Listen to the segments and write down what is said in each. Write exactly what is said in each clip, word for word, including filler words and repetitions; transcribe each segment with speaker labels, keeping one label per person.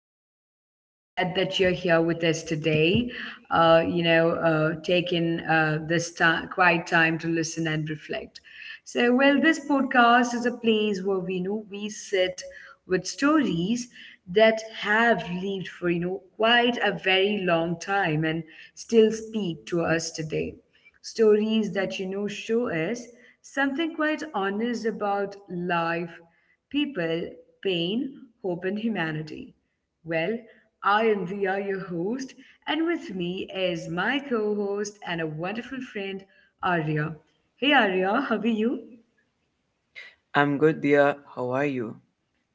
Speaker 1: am really glad that you're here with us today. Uh, you know, uh, taking uh, this time, quiet time to listen and reflect. So, well, this podcast is a place where we know we sit with stories that have lived for you know quite a very long time and still speak to us today, stories that you know show us something quite honest about life, people, pain, hope, and humanity. Well, I am Dia, your host, and with me is my co host and a wonderful friend, Arya. Hey Arya, how are you?
Speaker 2: I'm good, dear. How are you?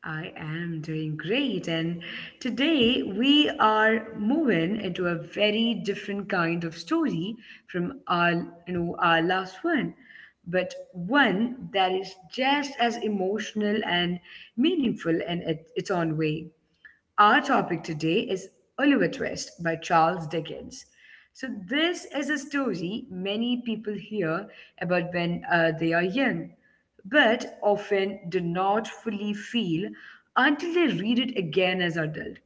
Speaker 1: I am doing great, and today we are moving into a very different kind of story from our, you know, our last one, but one that is just as emotional and meaningful in it, its own way. Our topic today is Oliver Twist by Charles Dickens. So, this is a story many people hear about when uh, they are young, but often do not fully feel until they read it again as adult.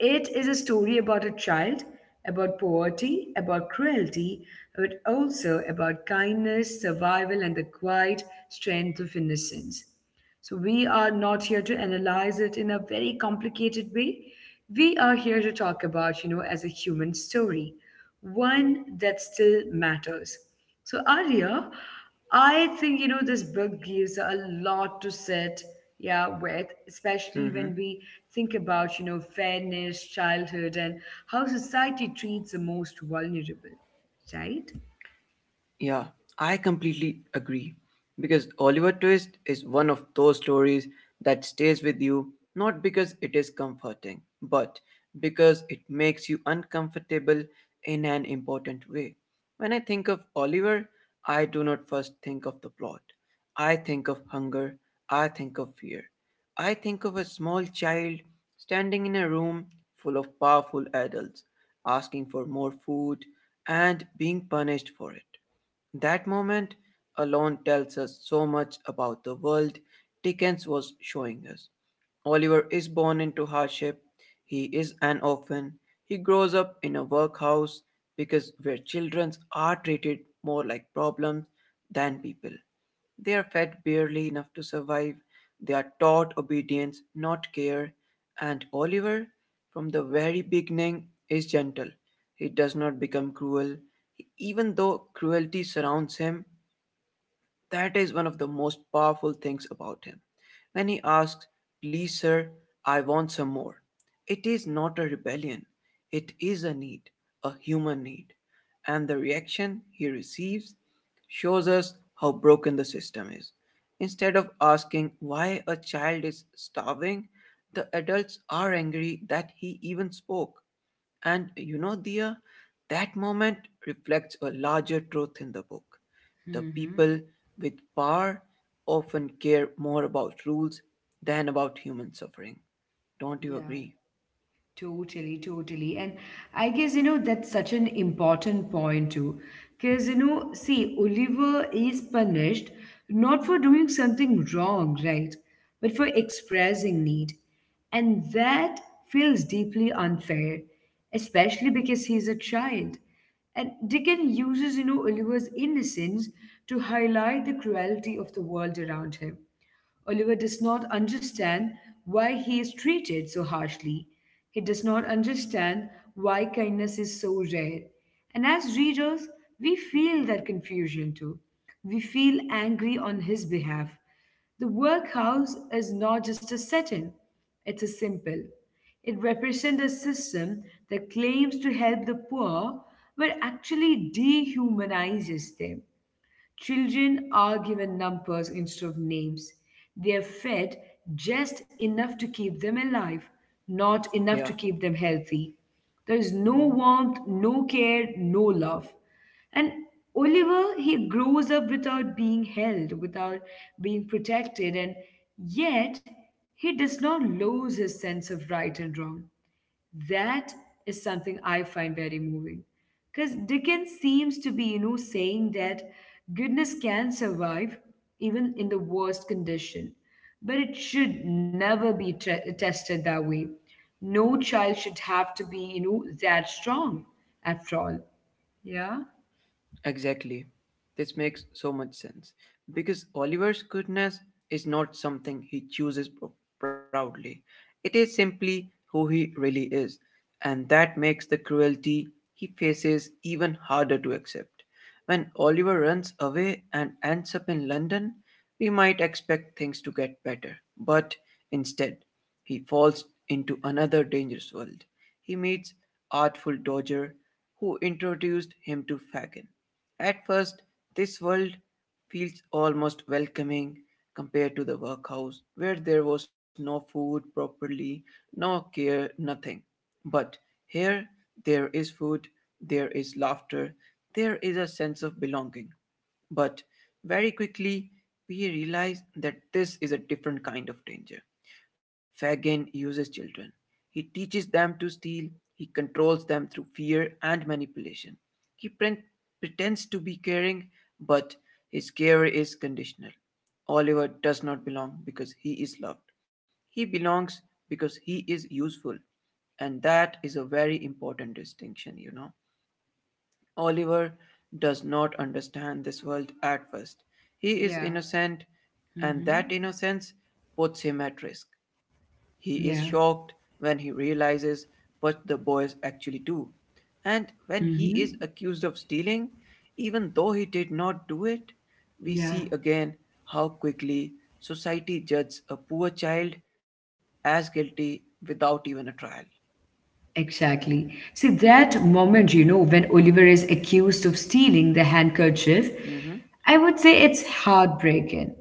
Speaker 1: It is a story about a child, about poverty, about cruelty, but also about kindness, survival, and the quiet strength of innocence. So we are not here to analyze it in a very complicated way. We are here to talk about, you know, as a human story, one that still matters. So Arya, I think, you know, this book gives a lot to sit, yeah, with, especially
Speaker 2: Mhm.
Speaker 1: when we think about, you know, fairness, childhood, and how society treats the most vulnerable, right?
Speaker 2: Yeah, I completely agree. Because Oliver Twist is one of those stories that stays with you not because it is comforting, but because it makes you uncomfortable in an important way. When I think of Oliver, I do not first think of the plot. I think of hunger. I think of fear. I think of a small child standing in a room full of powerful adults, asking for more food and being punished for it. That moment alone tells us so much about the world Dickens was showing us. Oliver is born into hardship, he is an orphan, he grows up in a workhouse because where children are treated more like problems than people. They are fed barely enough to survive. They are taught obedience, not care. And Oliver, from the very beginning, is gentle. He does not become cruel, even though cruelty surrounds him. That is one of the most powerful things about him. When he asks, "Please, sir, I want some more," it is not a rebellion, it is a need, a human need. And the reaction he receives shows us how broken the system is. Instead of asking why a child is starving, the adults are angry that he even spoke. And you know, Dia, that moment reflects a larger truth in the book. The
Speaker 1: Mm-hmm.
Speaker 2: people with power often care more about rules than about human suffering. Don't you
Speaker 1: Yeah.
Speaker 2: agree?
Speaker 1: Totally, totally. And I guess, you know, that's such an important point too. Because, you know, see, Oliver is punished not for doing something wrong, right? But for expressing need. And that feels deeply unfair, especially because he's a child. And Dickens uses, you know, Oliver's innocence to highlight the cruelty of the world around him. Oliver does not understand why he is treated so harshly. He does not understand why kindness is so rare. And as readers, we feel that confusion too. We feel angry on his behalf. The workhouse is not just a setting, it's a symbol. It represents a system that claims to help the poor but actually dehumanizes them. Children are given numbers instead of names. They are fed just enough to keep them alive, not enough
Speaker 2: Yeah.
Speaker 1: to keep them healthy. There is no
Speaker 2: Hmm.
Speaker 1: warmth, no care, no love. And Oliver, he grows up without being held, without being protected, and yet he does not lose his sense of right and wrong. That is something I find very moving. Because Dickens seems to be, you know, saying that goodness can survive even in the worst condition, but it should never be tre- tested that way. No child should have to be, you know, that strong after all. Yeah,
Speaker 2: Exactly. This makes so much sense. Because Oliver's goodness is not something he chooses pr- proudly, it is simply who he really is. And that makes the cruelty he faces even harder to accept. When Oliver runs away and ends up in London, we might expect things to get better. But instead, he falls into another dangerous world. He meets Artful Dodger, who introduced him to Fagin. At first, this world feels almost welcoming compared to the workhouse, where there was no food properly, no care, nothing. But here, there is food, there is laughter, there is a sense of belonging. But very quickly, we realize that this is a different kind of danger. Fagin uses children. He teaches them to steal, he controls them through fear and manipulation. He pre- pretends to be caring, but his care is conditional. Oliver does not belong because he is loved. He belongs because he is useful. And that is a very important distinction, you know. Oliver does not understand this world at first. He is
Speaker 1: Yeah.
Speaker 2: innocent, and that
Speaker 1: Mm-hmm.
Speaker 2: innocence puts him at risk. He is
Speaker 1: yeah,
Speaker 2: shocked when he realizes what the boys actually do. And when
Speaker 1: Mm-hmm.
Speaker 2: he is accused of stealing, even though he did not do it, we see
Speaker 1: yeah.
Speaker 2: again how quickly society judges a poor child as guilty without even a trial.
Speaker 1: Exactly. See, that moment, you know, when Oliver is accused of stealing the handkerchief,
Speaker 2: Hmm.
Speaker 1: I would say it's heartbreaking.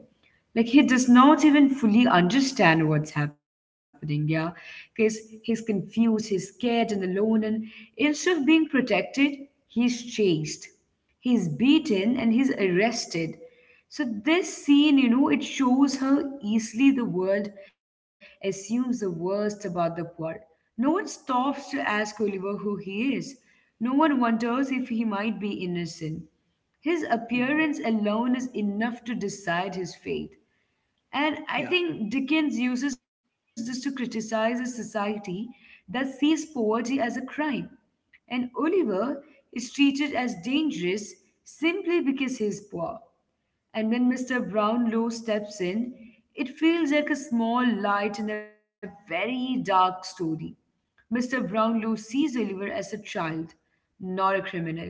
Speaker 1: Like, he does not even fully understand what's happening, yeah? Because he's confused, he's scared and alone, and instead of being protected, he's chased, he's beaten, and he's arrested. So this scene, you know, it shows how easily the world assumes the worst about the poor. No one stops to ask Oliver who he is. No one wonders if he might be innocent. His appearance
Speaker 2: Hmm.
Speaker 1: alone is enough to decide his fate. And I
Speaker 2: Yeah,
Speaker 1: think Dickens uses this to criticize a society that sees poverty as a crime. And Oliver is treated as dangerous simply because he's poor. And when Mister Brownlow steps in, it feels like a small light in a very dark story. Mister Brownlow sees Oliver as a child, not a criminal.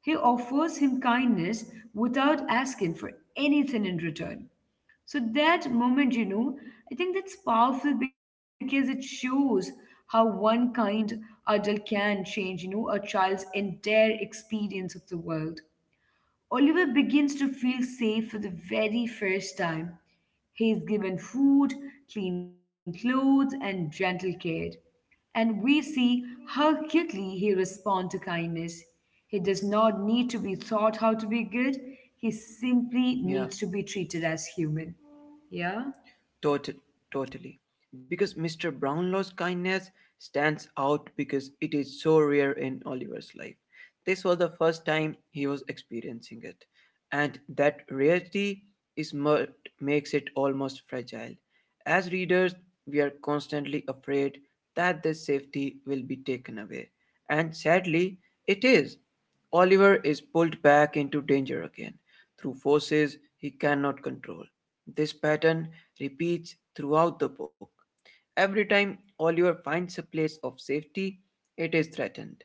Speaker 1: He offers him kindness without asking for anything in return. So, that moment, you know, I think that's powerful because it shows how one kind adult can change, you know, a child's entire experience of the world. Oliver begins to feel safe for the very first time. He is given food, clean clothes, and gentle care. And we see how quickly he responds to kindness. He does not need to be taught how to be good, he simply needs
Speaker 2: yeah.
Speaker 1: to be treated as human. Yeah?
Speaker 2: Total, totally. Because mister Brownlow's kindness stands out because it is so rare in Oliver's life. This was the first time he was experiencing it, and that rarity is what makes it almost fragile. As readers, we are constantly afraid that this safety will be taken away, and sadly, it is. Oliver is pulled back into danger again through forces he cannot control, this pattern repeats throughout the book. Every time Oliver finds a place of safety, it is threatened.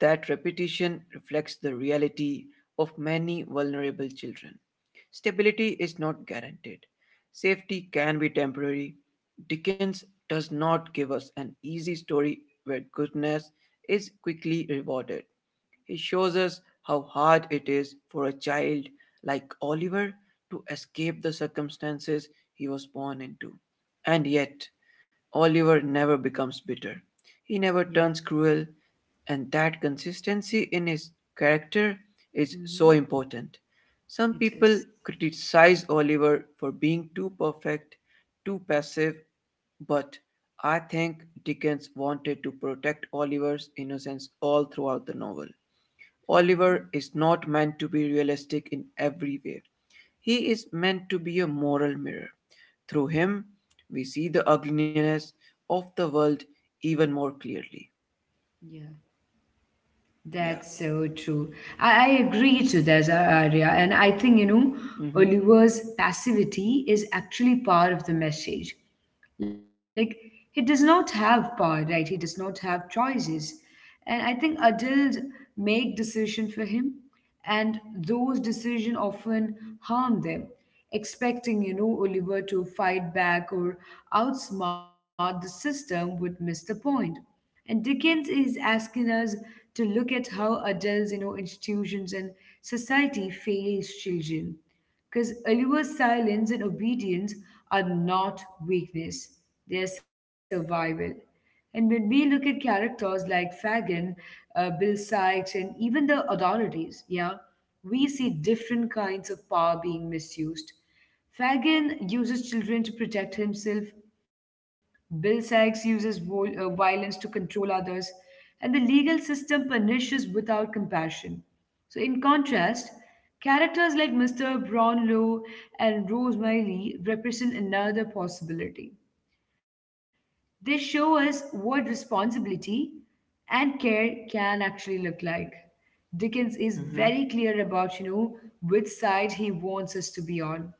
Speaker 2: That repetition reflects the reality of many vulnerable children. Stability is not guaranteed. Safety can be temporary. Dickens does not give us an easy story where goodness is quickly rewarded. He shows us how hard it is for a child like Oliver to escape the circumstances he was born into. And yet, Oliver never becomes bitter. He never
Speaker 1: Yeah.
Speaker 2: turns cruel, and that consistency in his character is so
Speaker 1: Mm-hmm.
Speaker 2: important. Some
Speaker 1: It
Speaker 2: people
Speaker 1: is.
Speaker 2: criticize Oliver for being too perfect, too passive, but I think Dickens wanted to protect Oliver's innocence all throughout the novel.
Speaker 1: Mm-hmm.
Speaker 2: Oliver is not meant to be realistic in every way. He is meant to be a moral mirror. Through him, we see the ugliness of the world even more clearly.
Speaker 1: Yeah.
Speaker 2: Yeah.
Speaker 1: That's so true. I, I agree to that, uh, Arya. And I think, you know,
Speaker 2: Mm-hmm.
Speaker 1: Oliver's passivity is actually part of the message. Like, he does not have power, right? He does not have choices. And I think adults make decisions for him, and those decisions often harm them, expecting, you know, Oliver to fight back or outsmart the system would miss the point. And Dickens is asking us to look at how adults, you know, institutions and society fails children. Because Oliver's silence and obedience are not weakness, they are survival. And when we look at characters like Fagin, uh, Bill Sykes, and even the authorities, yeah, we see different kinds of power being misused. Fagin uses children to protect himself, Bill Sykes uses vol- uh, violence to control others, and the legal system punishes without compassion. So, in contrast, characters like Mister Brownlow and Rosemary Lee represent another possibility. They show us what responsibility and care can actually look like. Dickens is very
Speaker 2: Mm-hmm.
Speaker 1: clear about, you know, which side he wants us to be on.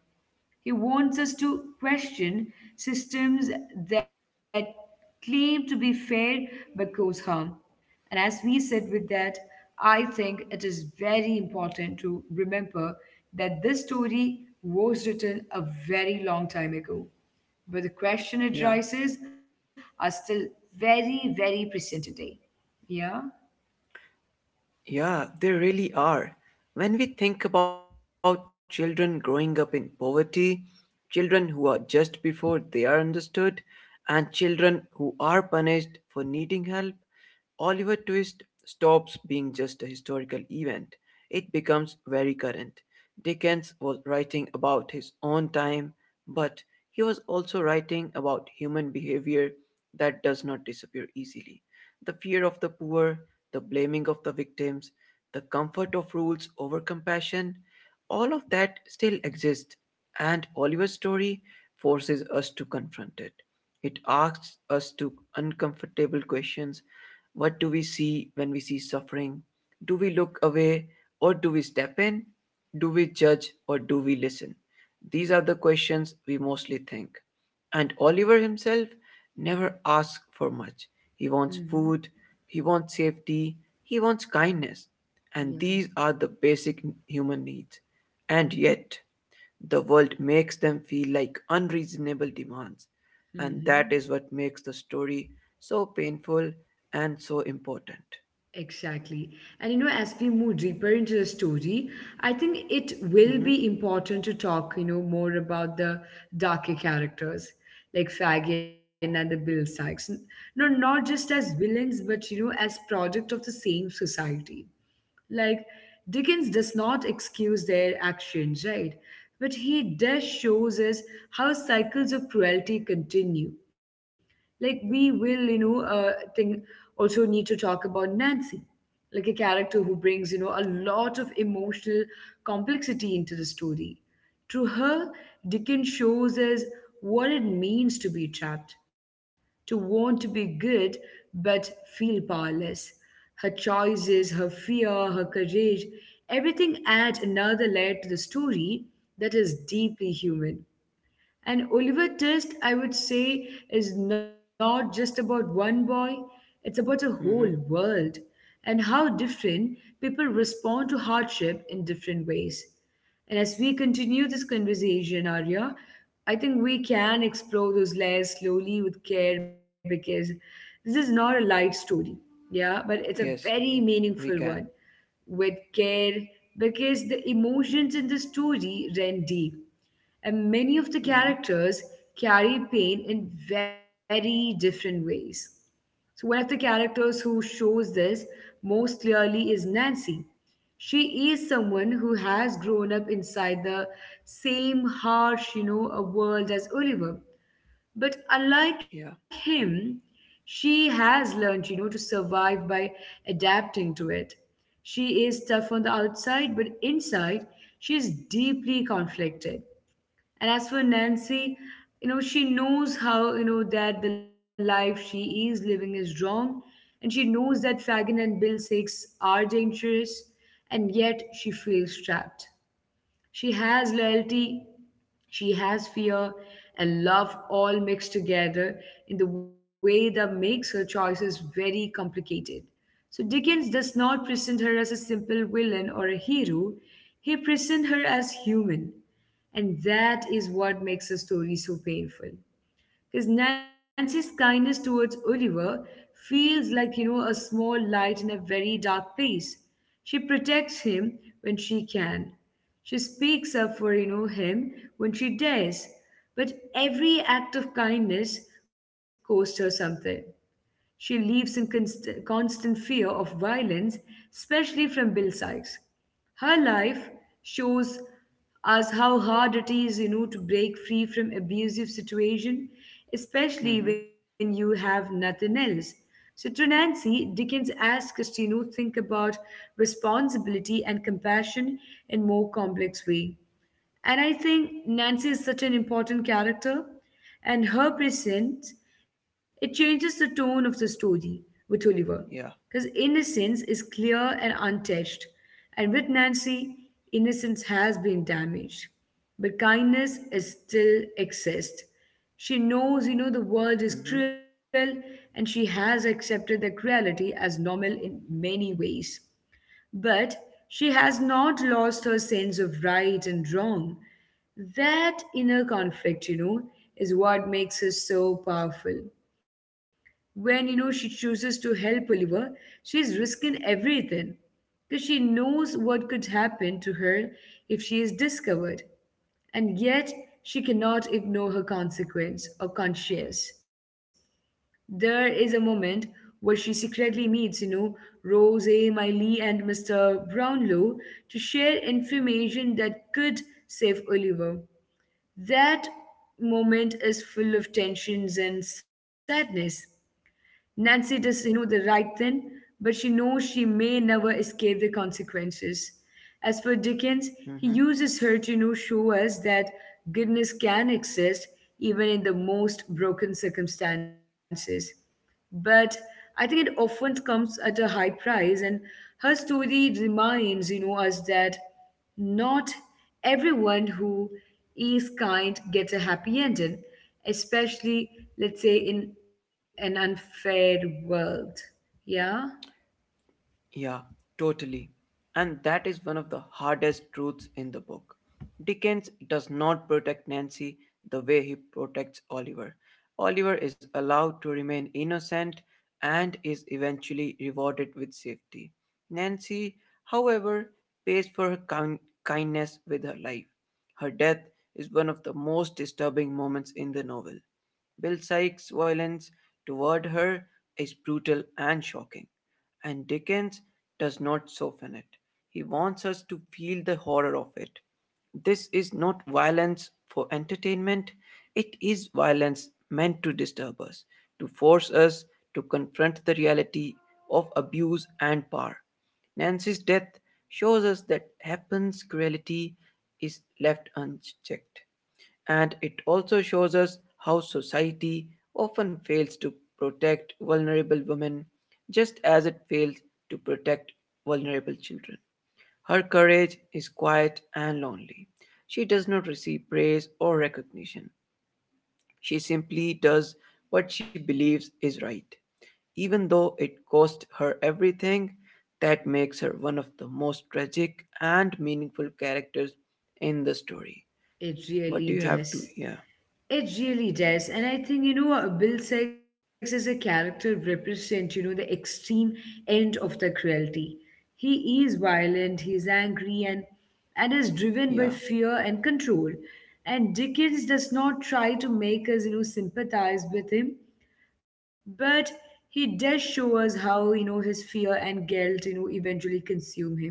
Speaker 1: He wants us to question systems that claim to be fair but cause harm. And as we said with that, I think it is very important to remember that this story was written a very long time ago. But the question it
Speaker 2: Yeah.
Speaker 1: raises are still very, very present today. Yeah?
Speaker 2: Yeah, they really are. When we think about children growing up in poverty, children who are just before they are understood, and children who are punished for needing help, Oliver Twist stops being just a historical event, it becomes very current. Dickens was writing about his own time, but he was also writing about human behavior that does not disappear easily. The fear of the poor, the blaming of the victims, the comfort of rules over compassion, all of that still exists, and Oliver's story forces us to confront it. It asks us to uncomfortable questions. What do we see when we see suffering? Do we look away or do we step in? Do we judge or do we listen? These are the questions we mostly think. And Oliver himself never asks for much. He wants
Speaker 1: Mm-hmm.
Speaker 2: food, he wants safety, he wants kindness. And
Speaker 1: Yeah.
Speaker 2: these are the basic human needs. And yet, the world makes them feel like unreasonable demands, and that
Speaker 1: Mm-hmm.
Speaker 2: is what makes the story so painful and so important.
Speaker 1: Exactly. And you know, as we move deeper into the story, I think it will
Speaker 2: Mm-hmm.
Speaker 1: be important to talk, you know, more about the darker characters like Fagin and the Bill Sykes. No, not just as villains, but you know, as product of the same society. Like, Dickens does not excuse their actions, right? But he does shows us how cycles of cruelty continue. Like, we will, you know, uh, think also need to talk about Nancy, like a character who brings, you know, a lot of emotional complexity into the story. To her, Dickens shows us what it means to be trapped, to want to be good but feel powerless. Her choices, her fear, her courage, everything adds another layer to the story that is deeply human. And Oliver Twist, I would say, is not just about one boy, it's about a whole
Speaker 2: Mm-hmm.
Speaker 1: world and how different people respond to hardship in different ways. And as we continue this conversation, Arya, I think we can explore those layers slowly with care because this is not a light story, yeah, but it's a very
Speaker 2: Yes,
Speaker 1: meaningful one
Speaker 2: we can.
Speaker 1: with care because the emotions in the story run deep and many of the
Speaker 2: Mm-hmm.
Speaker 1: characters carry pain in very different ways. So, one of the characters who shows this most clearly is Nancy. She is someone who has grown up inside the same harsh, you know, a world as Oliver. But unlike
Speaker 2: Yeah.
Speaker 1: him, she has learned, you know, to survive by adapting to it. She is tough on the outside, but inside, she is deeply conflicted. And as for Nancy, you know, she knows how, you know, that the life she is living is wrong. And she knows that Fagin and Bill Six are dangerous. And yet she feels trapped. She has loyalty, she has fear, and love all mixed together in the way that makes her choices very complicated. So Dickens does not present her as a simple villain or a hero, he presents her as human. And that is what makes her story so painful. Because Nancy's kindness towards Oliver feels like, you know, a small light in a very dark place. She protects him when she can. She speaks up for, you know, him when she dares. But every act of kindness costs her something. She lives in const- constant fear of violence, especially from Bill Sykes. Her life shows us how hard it is, you know, to break free from abusive situation, especially when
Speaker 2: Mm-hmm.
Speaker 1: you have nothing else. So to Nancy, Dickens asks us to, you know, think about responsibility and compassion in more complex way. And I think Nancy is such an important character, and her presence it changes the tone of the story with Oliver,
Speaker 2: Yeah.
Speaker 1: because innocence is clear and untouched, and with Nancy, innocence has been damaged, but kindness is still exists. She knows, you know, the world is
Speaker 2: Mm-hmm.
Speaker 1: cruel, and she has accepted the cruelty as normal in many ways. But she has not lost her sense of right and wrong. That inner conflict, you know, is what makes her so powerful. When, you know, she chooses to help Oliver, she is risking everything because she knows what could happen to her if she is discovered. And yet, she cannot ignore her consequence or conscience. There is a moment where she secretly meets, you know, Rose Miley and mister Brownlow to share information that could save Oliver. That moment is full of tensions and sadness. Nancy does, you know, the right thing, but she knows she may never escape the consequences. As for Dickens, he
Speaker 2: Mm-hmm.
Speaker 1: uses her to, you know, show us that goodness can exist even in the most broken circumstances, but I think it often comes at a high price. And her story reminds you know us that not everyone who is kind gets a happy ending, especially, let's say, in an unfair world. Yeah.
Speaker 2: Yeah, totally. And that is one of the hardest truths in the book. Dickens does not protect Nancy the way he protects Oliver. Oliver is allowed to remain innocent and is eventually rewarded with safety. Nancy, however, pays for her kin- kindness with her life. Her death is one of the most disturbing moments in the novel. Bill Sykes' violence toward her is brutal and shocking, and Dickens does not soften it. He wants us to feel the horror of it. This is not violence for entertainment, it is violence meant to disturb us, to force us to confront the reality of abuse and power. Nancy's death shows us that Heppen's cruelty is left unchecked, and it also shows us how society often fails to protect vulnerable women just as it fails to protect vulnerable children. Her courage is quiet and lonely. She does not receive praise or recognition. She simply does what she believes is right, even though it cost her everything. That makes her one of the most tragic and meaningful characters in the story.
Speaker 1: It
Speaker 2: What
Speaker 1: really
Speaker 2: do you have to?
Speaker 1: does.
Speaker 2: Yeah,
Speaker 1: It really does. And I think, you know, uh, Bill Sykes as a character represents, you know, the extreme end of the cruelty. He is violent, he's angry, and and is driven by
Speaker 2: yeah.
Speaker 1: fear and control. And Dickens does not try to make us, you know, sympathize with him, but he does show us how, you know, his fear and guilt, you know, eventually consume him.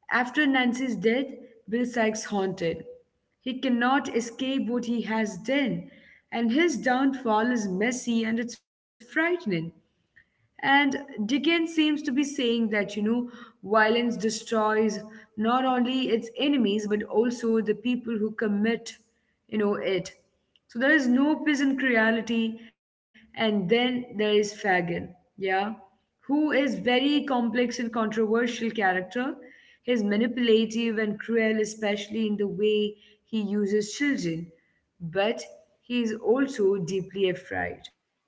Speaker 1: After Nancy's death, Bill Sykes haunted. He cannot escape what he has done, and his downfall is messy and it's frightening. And Dickens seems to be saying that, you know, violence destroys not only its enemies but also the people who commit, you know, it. So there is no peace in reality, and then there is Fagin. Yeah, who is very complex and controversial character. He's manipulative and cruel, especially in the way he uses children, but he is also deeply afraid.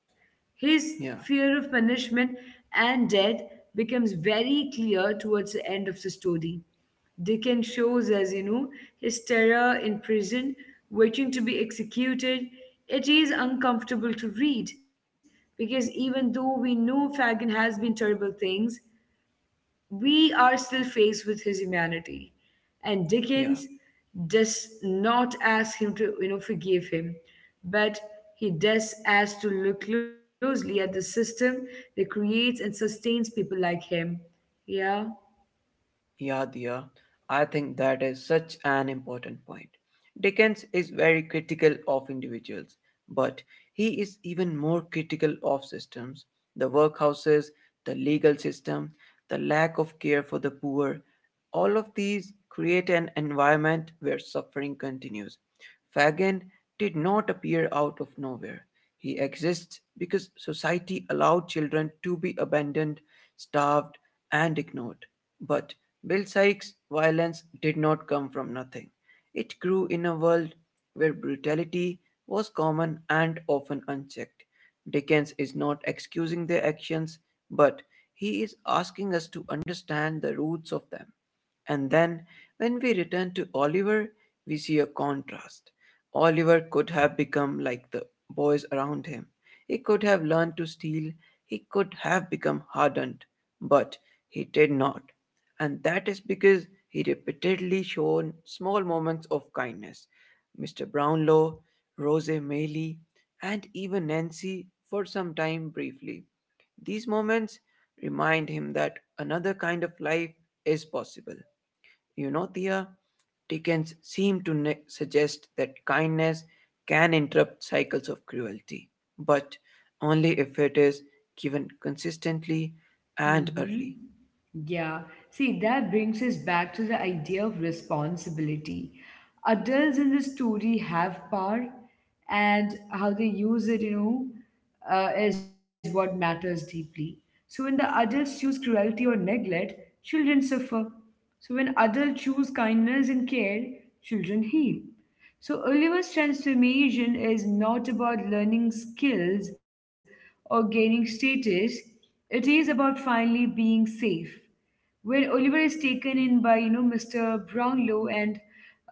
Speaker 1: His fear
Speaker 2: Yeah.
Speaker 1: of punishment and death becomes very clear towards the end of the story. Dickens shows us, you know, his terror in prison, waiting to be executed. It is uncomfortable to read because even though we know Fagin has been terrible things, we are still faced with his humanity. And
Speaker 2: Yeah.
Speaker 1: Dickens does not ask him to, you know, forgive him, but he does ask to look closely at the system that creates and sustains people like him. Yeah.
Speaker 2: Yeah, dear. I think that is such an important point. Dickens is very critical of individuals, but he is even more critical of systems, the workhouses, the legal system, the lack of care for the poor. All of these create an environment where suffering continues. Fagin did not appear out of nowhere. He exists because society allowed children to be abandoned, starved, and ignored. But Bill Sykes' violence did not come from nothing. It grew in a world where brutality was common and often unchecked. Dickens is not excusing their actions, but he is asking us to understand the roots of them. And then, when we return to Oliver, we see a contrast. Oliver could have become like the boys around him. He could have learned to steal. He could have become hardened. But he did not, and that is because he repeatedly shown small moments of kindness. mister Brownlow, Rose Mailey, and even Nancy for some time briefly. These moments remind him that another kind of life is possible. You know, Thea, Dickens seemed to ne- suggest that kindness can interrupt cycles of cruelty, but only if it is given consistently and
Speaker 1: Mm-hmm.
Speaker 2: early.
Speaker 1: Yeah. See, that brings us back to the idea of responsibility. Adults in the story have power, and how they use it, you know, uh, is what matters deeply. So, when the adults choose cruelty or neglect, children suffer. So, when adults choose kindness and care, children heal. So Oliver's transformation is not about learning skills or gaining status. It is about finally being safe. When Oliver is taken in by, you know, mister Brownlow and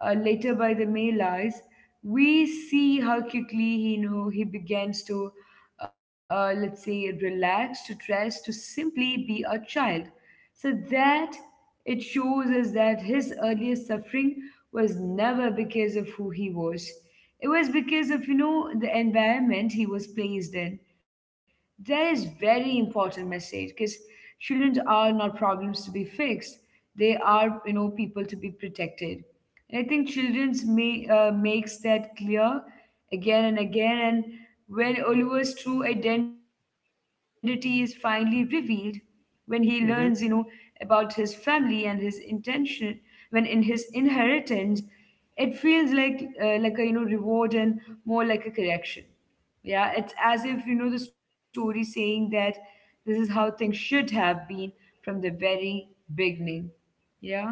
Speaker 1: uh, later by the Malays, we see how quickly he you know he begins to, uh, let's say, relax, to trust, to simply be a child. So that it shows us that his earliest suffering was never because of who he was. It was because of, you know, the environment he was placed in. That is very important message because children are not problems to be fixed. They are, you know, people to be protected. And I think children's may, uh, makes that clear again and again. And when Oliver's true identity is finally revealed, when he learns, you know,
Speaker 2: Mm-hmm.
Speaker 1: about his family and his intention, when in his inheritance, it feels like uh, like a you know reward and more like a correction. Yeah, it's as if you know the story saying that this is how things should have been from the very beginning.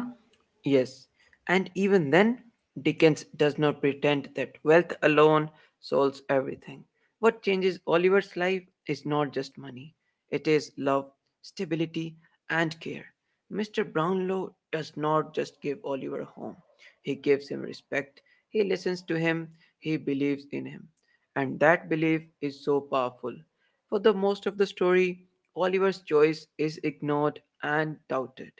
Speaker 1: Yeah,
Speaker 2: Yes, and even then, Dickens does not pretend that wealth alone solves everything. What changes Oliver's life is not just money, it is love, stability, and care. mister Brownlow does not just give Oliver a home, he gives him respect, he listens to him, he believes in him. And that belief is so powerful. For the most of the story, Oliver's choice is ignored and doubted.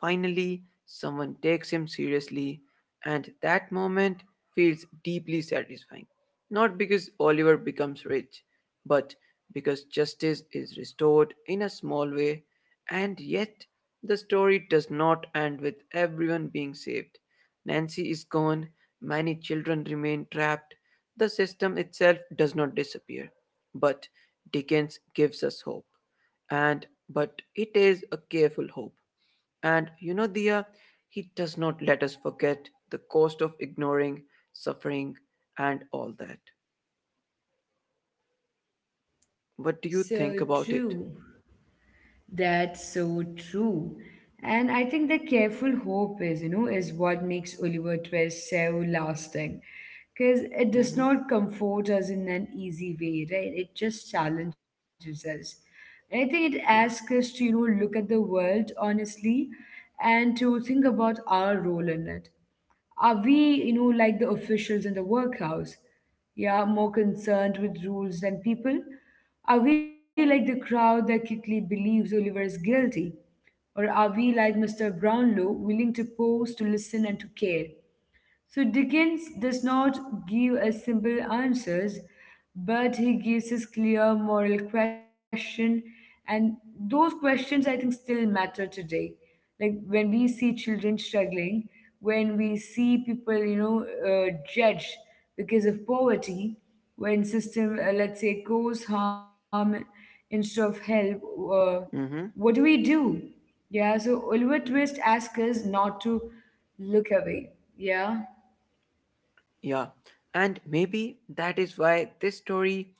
Speaker 2: Finally, someone takes him seriously, and that moment feels deeply satisfying. Not because Oliver becomes rich, but because justice is restored in a small way, and yet the story does not end with everyone being saved. Nancy is gone, many children remain trapped, the system itself does not disappear. But Dickens gives us hope, and but it is a careful hope, and you know, Dia, he does not let us forget the cost of ignoring, suffering, and all that. What do you think
Speaker 1: so
Speaker 2: about it?
Speaker 1: true. That's so true. And I think the careful hope is, you know, is what makes Oliver Twist so lasting. Because it does
Speaker 2: Mm-hmm.
Speaker 1: not comfort us in an easy way, right? It just challenges us. And I think it asks us
Speaker 2: Yeah.
Speaker 1: to, you know, look at the world honestly and to think about our role in it. Are we, you know, like the officials in the workhouse? Yeah, more concerned with rules than people? Are we like the crowd that quickly believes Oliver is guilty? Or are we like mister Brownlow, willing to pose, to listen, and to care? So Dickens does not give us simple answers, but he gives us clear moral question, and those questions I think still matter today. Like when we see children struggling, when we see people, you know, uh, judged because of poverty, when system, uh, let's say, cause harm instead of help, uh,
Speaker 2: Mm-hmm.
Speaker 1: what do we do? Yeah, so Oliver Twist asks us not to look away. Yeah.
Speaker 2: Yeah, and maybe that is why this story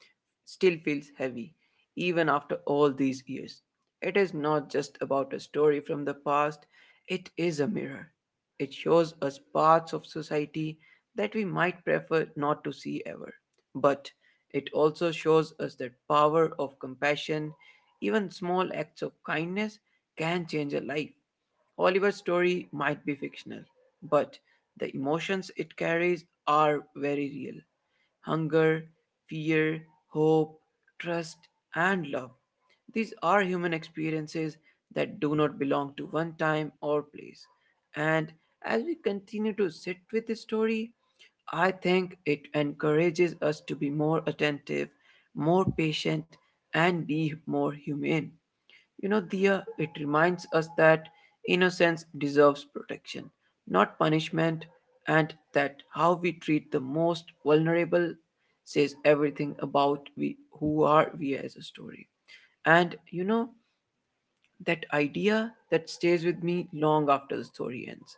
Speaker 2: still feels heavy, even after all these years. It is not just about a story from the past, it is a mirror. It shows us parts of society that we might prefer not to see ever. But it also shows us that power of compassion, even small acts of kindness, can change a life. Oliver's story might be fictional, but the emotions it carries are very real, hunger, fear, hope, trust, and love. These are human experiences that do not belong to one time or place. And as we continue to sit with the story, I think it encourages us to be more attentive, more patient, and be more humane. You know, Dia, it reminds us that innocence deserves protection, not punishment, and that how we treat the most vulnerable says everything about we who are we as a story. And you know, that idea that stays with me long after the story ends.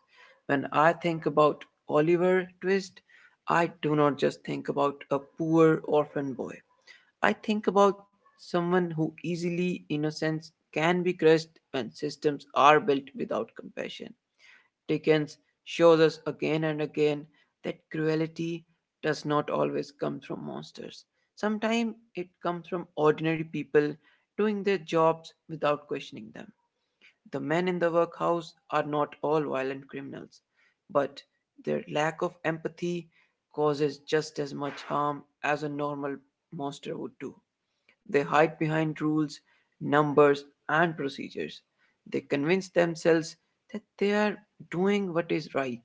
Speaker 2: When I think about Oliver Twist, I do not just think about a poor orphan boy. I think about someone who easily, innocence can be crushed when systems are built without compassion. Dickens shows us again and again that cruelty does not always come from monsters. Sometimes it comes from ordinary people doing their jobs without questioning them. The men in the workhouse are not all violent criminals, but their lack of empathy causes just as much harm as a normal monster would do. They hide behind rules, numbers, and procedures. They convince themselves that they are doing what is right,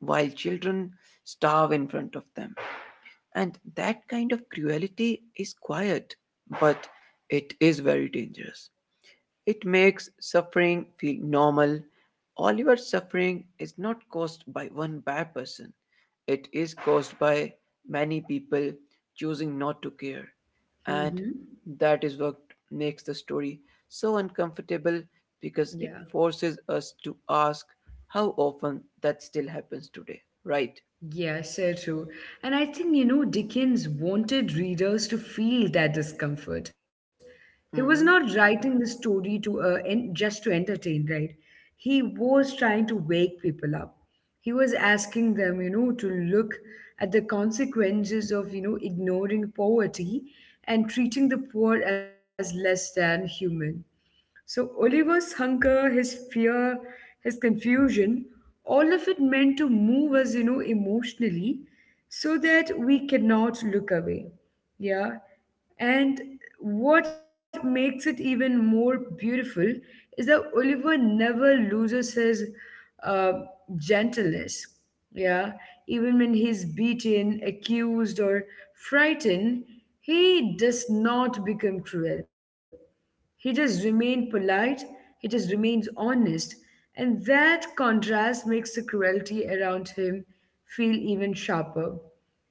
Speaker 2: while children starve in front of them. And that kind of cruelty is quiet, but it is very dangerous. It makes suffering feel normal. All your suffering is not caused by one bad person, it is caused by many people choosing not to care. And
Speaker 1: Mm-hmm.
Speaker 2: that is what makes the story so uncomfortable because
Speaker 1: Yeah.
Speaker 2: it forces us to ask how often that still happens today, right?
Speaker 1: Yeah, so true. And I think, you know, Dickens wanted readers to feel that discomfort. He was not
Speaker 2: Mm-hmm.
Speaker 1: writing the story to uh, en- just to entertain, right? He was trying to wake people up. He was asking them, you know, to look at the consequences of, you know, ignoring poverty and treating the poor as less than human. So Oliver's hunger, his fear, his confusion, all of it meant to move us, you know, emotionally so that we cannot look away. Yeah. And what makes it even more beautiful is that Oliver never loses his uh, gentleness. Yeah. Even when he's beaten, accused, or frightened, he does not become cruel, he just remained polite, he just remains honest, and that contrast makes the cruelty around him feel even sharper.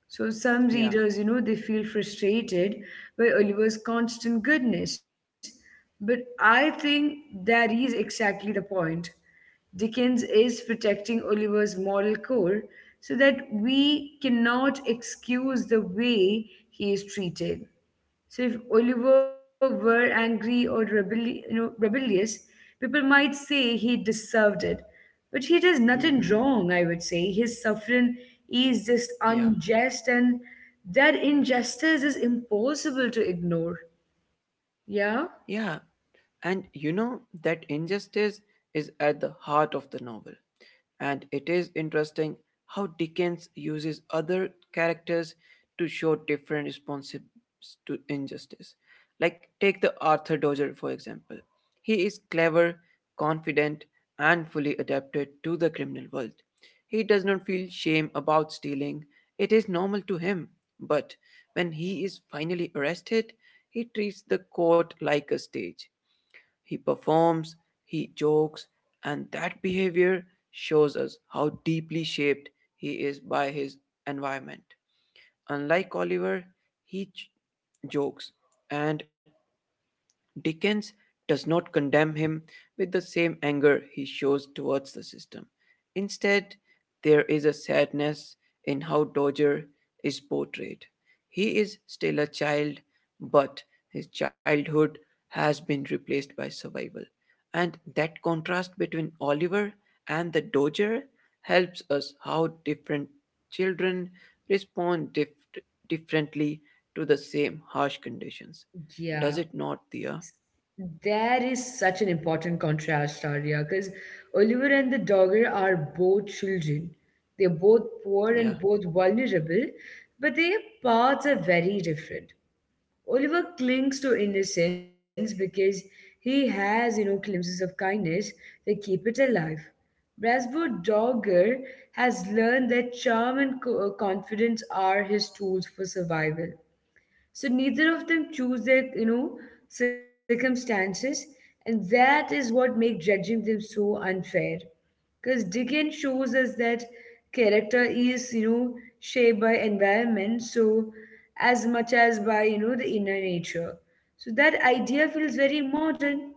Speaker 1: So some
Speaker 2: Yeah.
Speaker 1: readers, you know, they feel frustrated by Oliver's constant goodness. But I think that is exactly the point. Dickens is protecting Oliver's moral core so that we cannot excuse the way he is treated. So if Oliver were angry or rebelli- you know, rebellious, people might say he deserved it. But he does nothing
Speaker 2: Mm-hmm.
Speaker 1: wrong, I would say. His suffering is just
Speaker 2: Yeah.
Speaker 1: unjust, and that injustice is impossible to ignore. Yeah?
Speaker 2: Yeah, and you know that injustice is at the heart of the novel. And it is interesting how Dickens uses other characters to show different responses to injustice. Like, take the Arthur Dodger, for example. He is clever, confident, and fully adapted to the criminal world. He does not feel shame about stealing, it is normal to him. But when he is finally arrested, he treats the court like a stage. He performs, he jokes, and that behavior shows us how deeply shaped he is by his environment. Unlike Oliver, he j- jokes, and Dickens does not condemn him with the same anger he shows towards the system. Instead, there is a sadness in how Dodger is portrayed. He is still a child, but his childhood has been replaced by survival. And that contrast between Oliver and the Dodger helps us how different children respond dif- differently to the same harsh conditions. Does it not,
Speaker 1: Yeah,
Speaker 2: Thea?
Speaker 1: there is such an important contrast, Arya, because Oliver and the dogger are both children. They're both poor
Speaker 2: Yeah.
Speaker 1: and both vulnerable, but their paths are very different. Oliver clings to innocence because he has, you know, glimpses of kindness that keep it alive. Brasbo Dogger has learned that charm and co- uh, confidence are his tools for survival, so neither of them choose their you know circumstances, and that is what makes judging them so unfair, because Dickens shows us that character is you know shaped by environment, so as much as by you know the inner nature. So that idea feels very modern,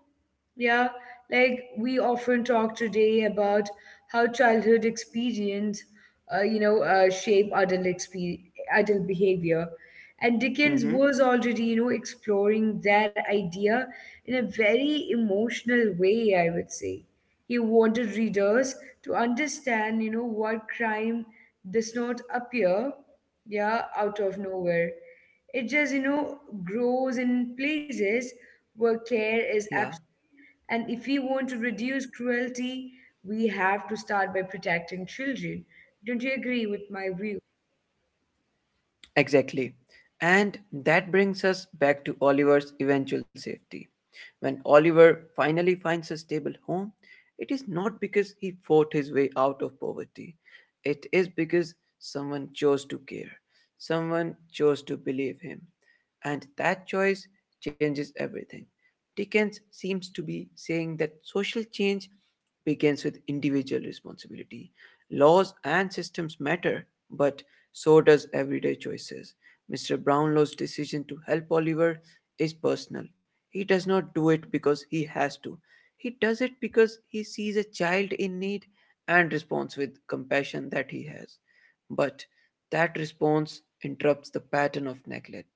Speaker 1: yeah, like we often talk today about how childhood experience, uh, you know, uh, shape adult exper adult behavior, and Dickens
Speaker 2: Mm-hmm.
Speaker 1: was already, you know, exploring that idea in a very emotional way. I would say he wanted readers to understand, you know, what crime does not appear, yeah, out of nowhere. It just, you know, grows in places where care is,
Speaker 2: Yeah.
Speaker 1: and if we want to reduce cruelty, we have to start by protecting children. Don't you agree with my view?
Speaker 2: Exactly. And that brings us back to Oliver's eventual safety. When Oliver finally finds a stable home, it is not because he fought his way out of poverty. It is because someone chose to care. Someone chose to believe him. And that choice changes everything. Dickens seems to be saying that social change begins with individual responsibility. Laws and systems matter, but so does everyday choices. mister Brownlow's decision to help Oliver is personal. He does not do it because he has to. He does it because he sees a child in need and responds with compassion that he has. But that response interrupts the pattern of neglect.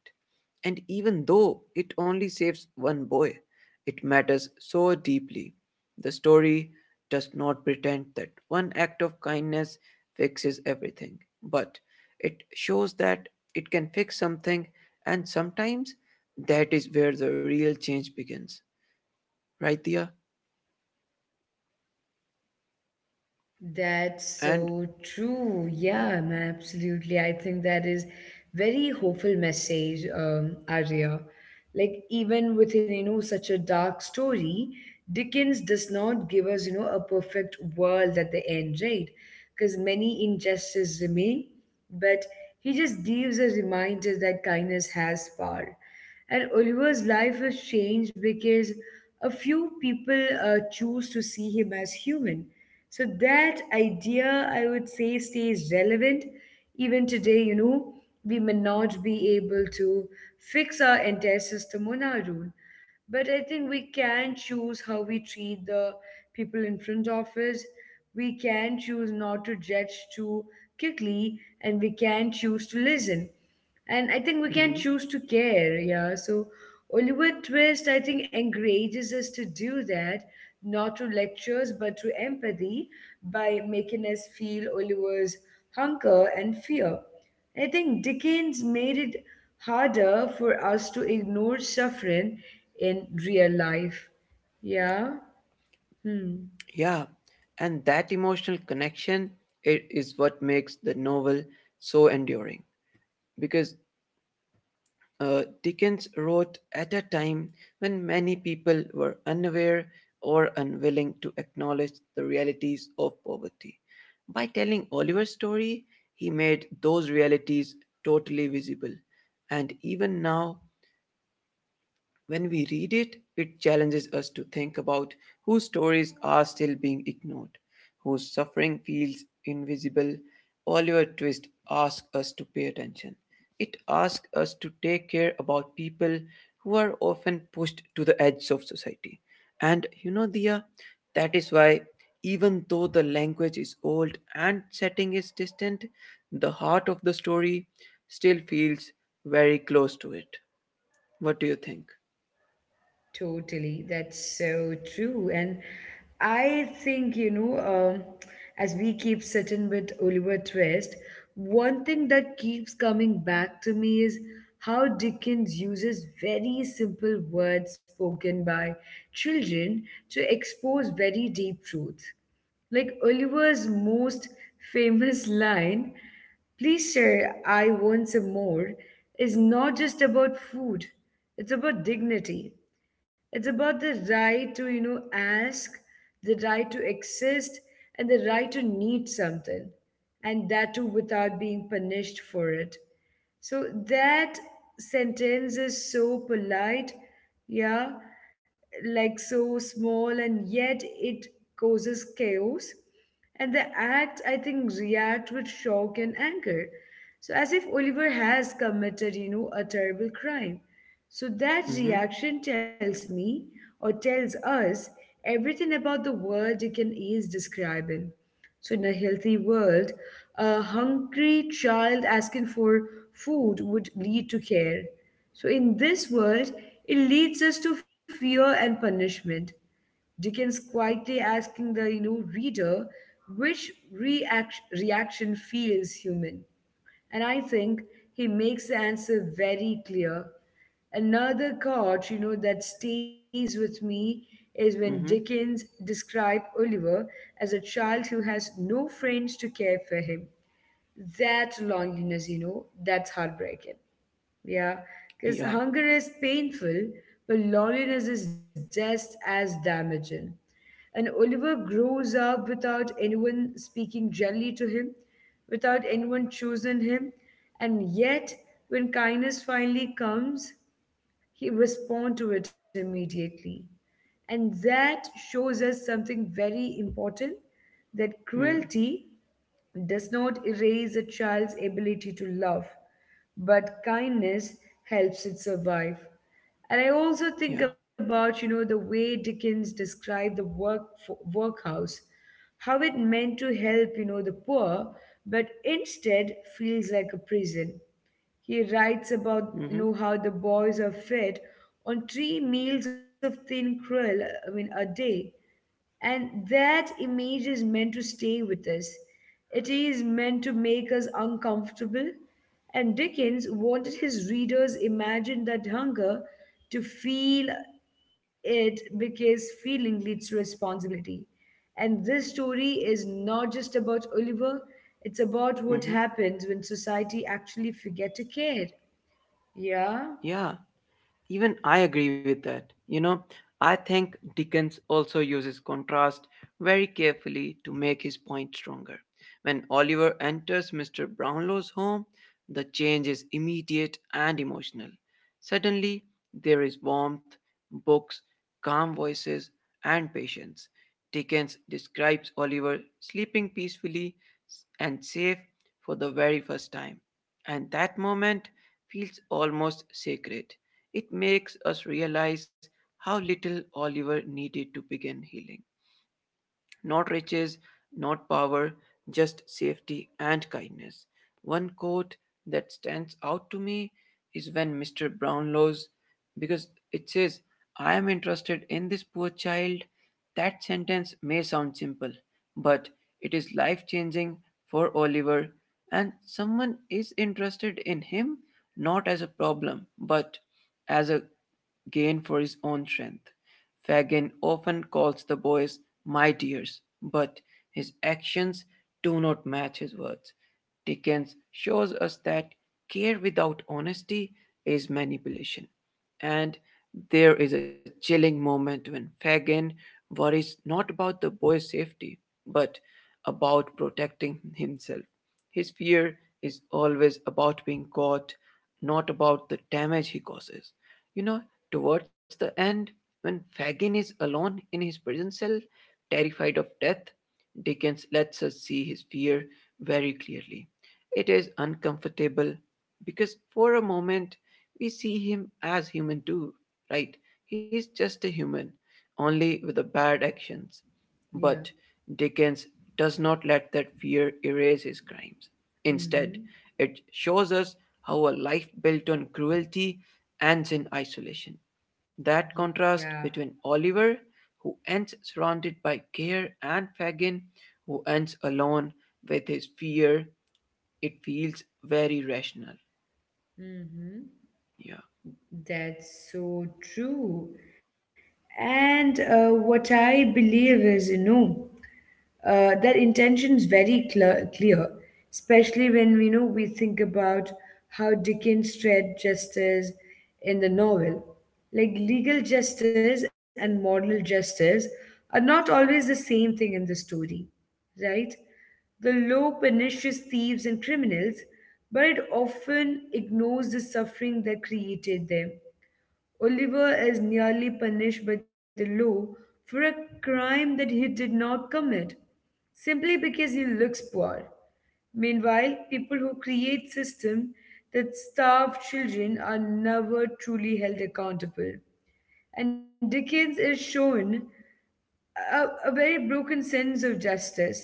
Speaker 2: And even though it only saves one boy, it matters so deeply. The story does not pretend that one act of kindness fixes everything, but it shows that it can fix something, and sometimes that is where the real change begins, right, Dia?
Speaker 1: That's
Speaker 2: And
Speaker 1: so true.
Speaker 2: yeah,
Speaker 1: Yeah, ma- absolutely. I think that is very hopeful message, um, Arya. Like even within you know such a dark story, Dickens does not give us you know a perfect world at the end, right? Because many injustices remain, but he just gives a reminder that kindness has power. And Oliver's life was changed because a few people uh, choose to see him as human, so that idea, I would say, stays relevant even today. You know, we may not be able to fix our entire system on our own, but I think we can choose how we treat the people in front of us. We can choose not to judge too quickly, and we can choose to listen. And I think we can
Speaker 2: mhm,
Speaker 1: choose to care, yeah. So Oliver Twist, I think, encourages us to do that, not to lectures but to empathy, by making us feel Oliver's hunger and fear. I think Dickens made it harder for us to ignore suffering in real life. Yeah? Hmm.
Speaker 2: yeah, and that emotional connection it is what makes the novel so enduring because Uh, Dickens wrote at a time when many people were unaware or unwilling to acknowledge the realities of poverty. By telling Oliver's story, he made those realities totally visible. And even now, when we read it, it challenges us to think about whose stories are still being ignored, whose suffering feels invisible. Oliver Twist asks us to pay attention. It asks us to take care about people who are often pushed to the edge of society. And you know, Dia, that is why, even though the language is old and setting is distant, the heart of the story still feels very close to it. What do you think?
Speaker 1: Totally. That's so true. And I think, you know, um, as we keep sitting with Oliver Twist, one thing that keeps coming back to me is how Dickens uses very simple words spoken by children to expose very deep truth. Like Oliver's most famous line, "Please, sir, I want some more," is not just about food, it's about dignity. It's about the right to, you know, ask, the right to exist, and the right to need something, and that too without being punished for it. So that sentence is so polite, yeah, like so small, and yet it causes chaos. And the act, I think, react with shock and anger. So as if Oliver has committed, you know, a terrible crime. So that
Speaker 2: Mm-hmm.
Speaker 1: reaction tells me or tells us everything about the world it can ease describing. So in a healthy world, a hungry child asking for food would lead to care. So in this world, it leads us to fear and punishment. Dickens quietly asking the you know reader which react- reaction feels human. And I think he makes the answer very clear. Another quote, you know, that stays with me is when Dickens
Speaker 2: Mhm.
Speaker 1: described Oliver as a child who has no friends to care for him. That loneliness, you know, that's heartbreaking. Yeah, because
Speaker 2: Ja.
Speaker 1: hunger is painful, but loneliness is just as damaging. And Oliver grows up without anyone speaking gently to him, without anyone choosing him. And yet, when kindness finally comes, he responds to it immediately. And that shows us something very important: that
Speaker 2: Mhm.
Speaker 1: cruelty does not erase a child's ability to love, but kindness helps it survive. And I also think
Speaker 2: Ja.
Speaker 1: about, you know, the way Dickens described the work workhouse, how it meant to help, you know, the poor, but instead feels like a prison. He writes about, you know,
Speaker 2: Mhm.
Speaker 1: how the boys are fed on three meals of thin gruel, I mean, a day, and that image is meant to stay with us. It is meant to make us uncomfortable. And Dickens wanted his readers imagine that hunger to feel it, because feeling leads to responsibility. And this story is not just about Oliver, it's about what
Speaker 2: Mhm.
Speaker 1: happens when society actually forget to care. Yeah,
Speaker 2: Yeah, even I agree with that. You know, I think Dickens also uses contrast very carefully to make his point stronger. When Oliver enters mister Brownlow's home, the change is immediate and emotional. Suddenly, there is warmth, books, calm voices, and patience. Dickens describes Oliver sleeping peacefully and safe for the very first time, and that moment feels almost sacred. It makes us realize how little Oliver needed to begin healing. Not riches, not power, just safety and kindness. One quote that stands out to me is when mister Brownlow's, because it says, I am interested in this poor child. That sentence may sound simple, but it is life changing for Oliver, and someone is interested in him not as a problem, but as a gain for his own strength. Fagin often calls the boys my dears, but his actions do not match his words. Dickens shows us that care without honesty is manipulation. And there is a chilling moment when Fagin worries not about the boy's safety, but about protecting himself. His fear is always about being caught, not about the damage he causes. You know, towards the end, when Fagin is alone in his prison cell, terrified of death, Dickens lets us see his fear very clearly. It is uncomfortable because for a moment we see him as human too, right? He's just a human, only with the bad actions.
Speaker 1: yeah.
Speaker 2: But Dickens does not let that fear erase his crimes. Instead,
Speaker 1: Mm-hmm.
Speaker 2: it shows us how a life built on cruelty ends in isolation. That
Speaker 1: Yeah.
Speaker 2: contrast between Oliver, who ends surrounded by care, and Fagin, who ends alone with his fear, it feels very rational.
Speaker 1: Mm-hmm.
Speaker 2: Yeah.
Speaker 1: That's so true. And uh, what I believe is, you know, uh, that intention is very clear, clear, especially when we know we think about how Dickens tread justice in the novel. Like, legal justice and moral justice are not always the same thing in the story, right? The law punishes thieves and criminals, but it often ignores the suffering that created them. Oliver is nearly punished by the law for a crime that he did not commit, simply because he looks poor. Meanwhile, people who create systems that starve children are never truly held accountable. And Dickens is shown a, a very broken sense of justice.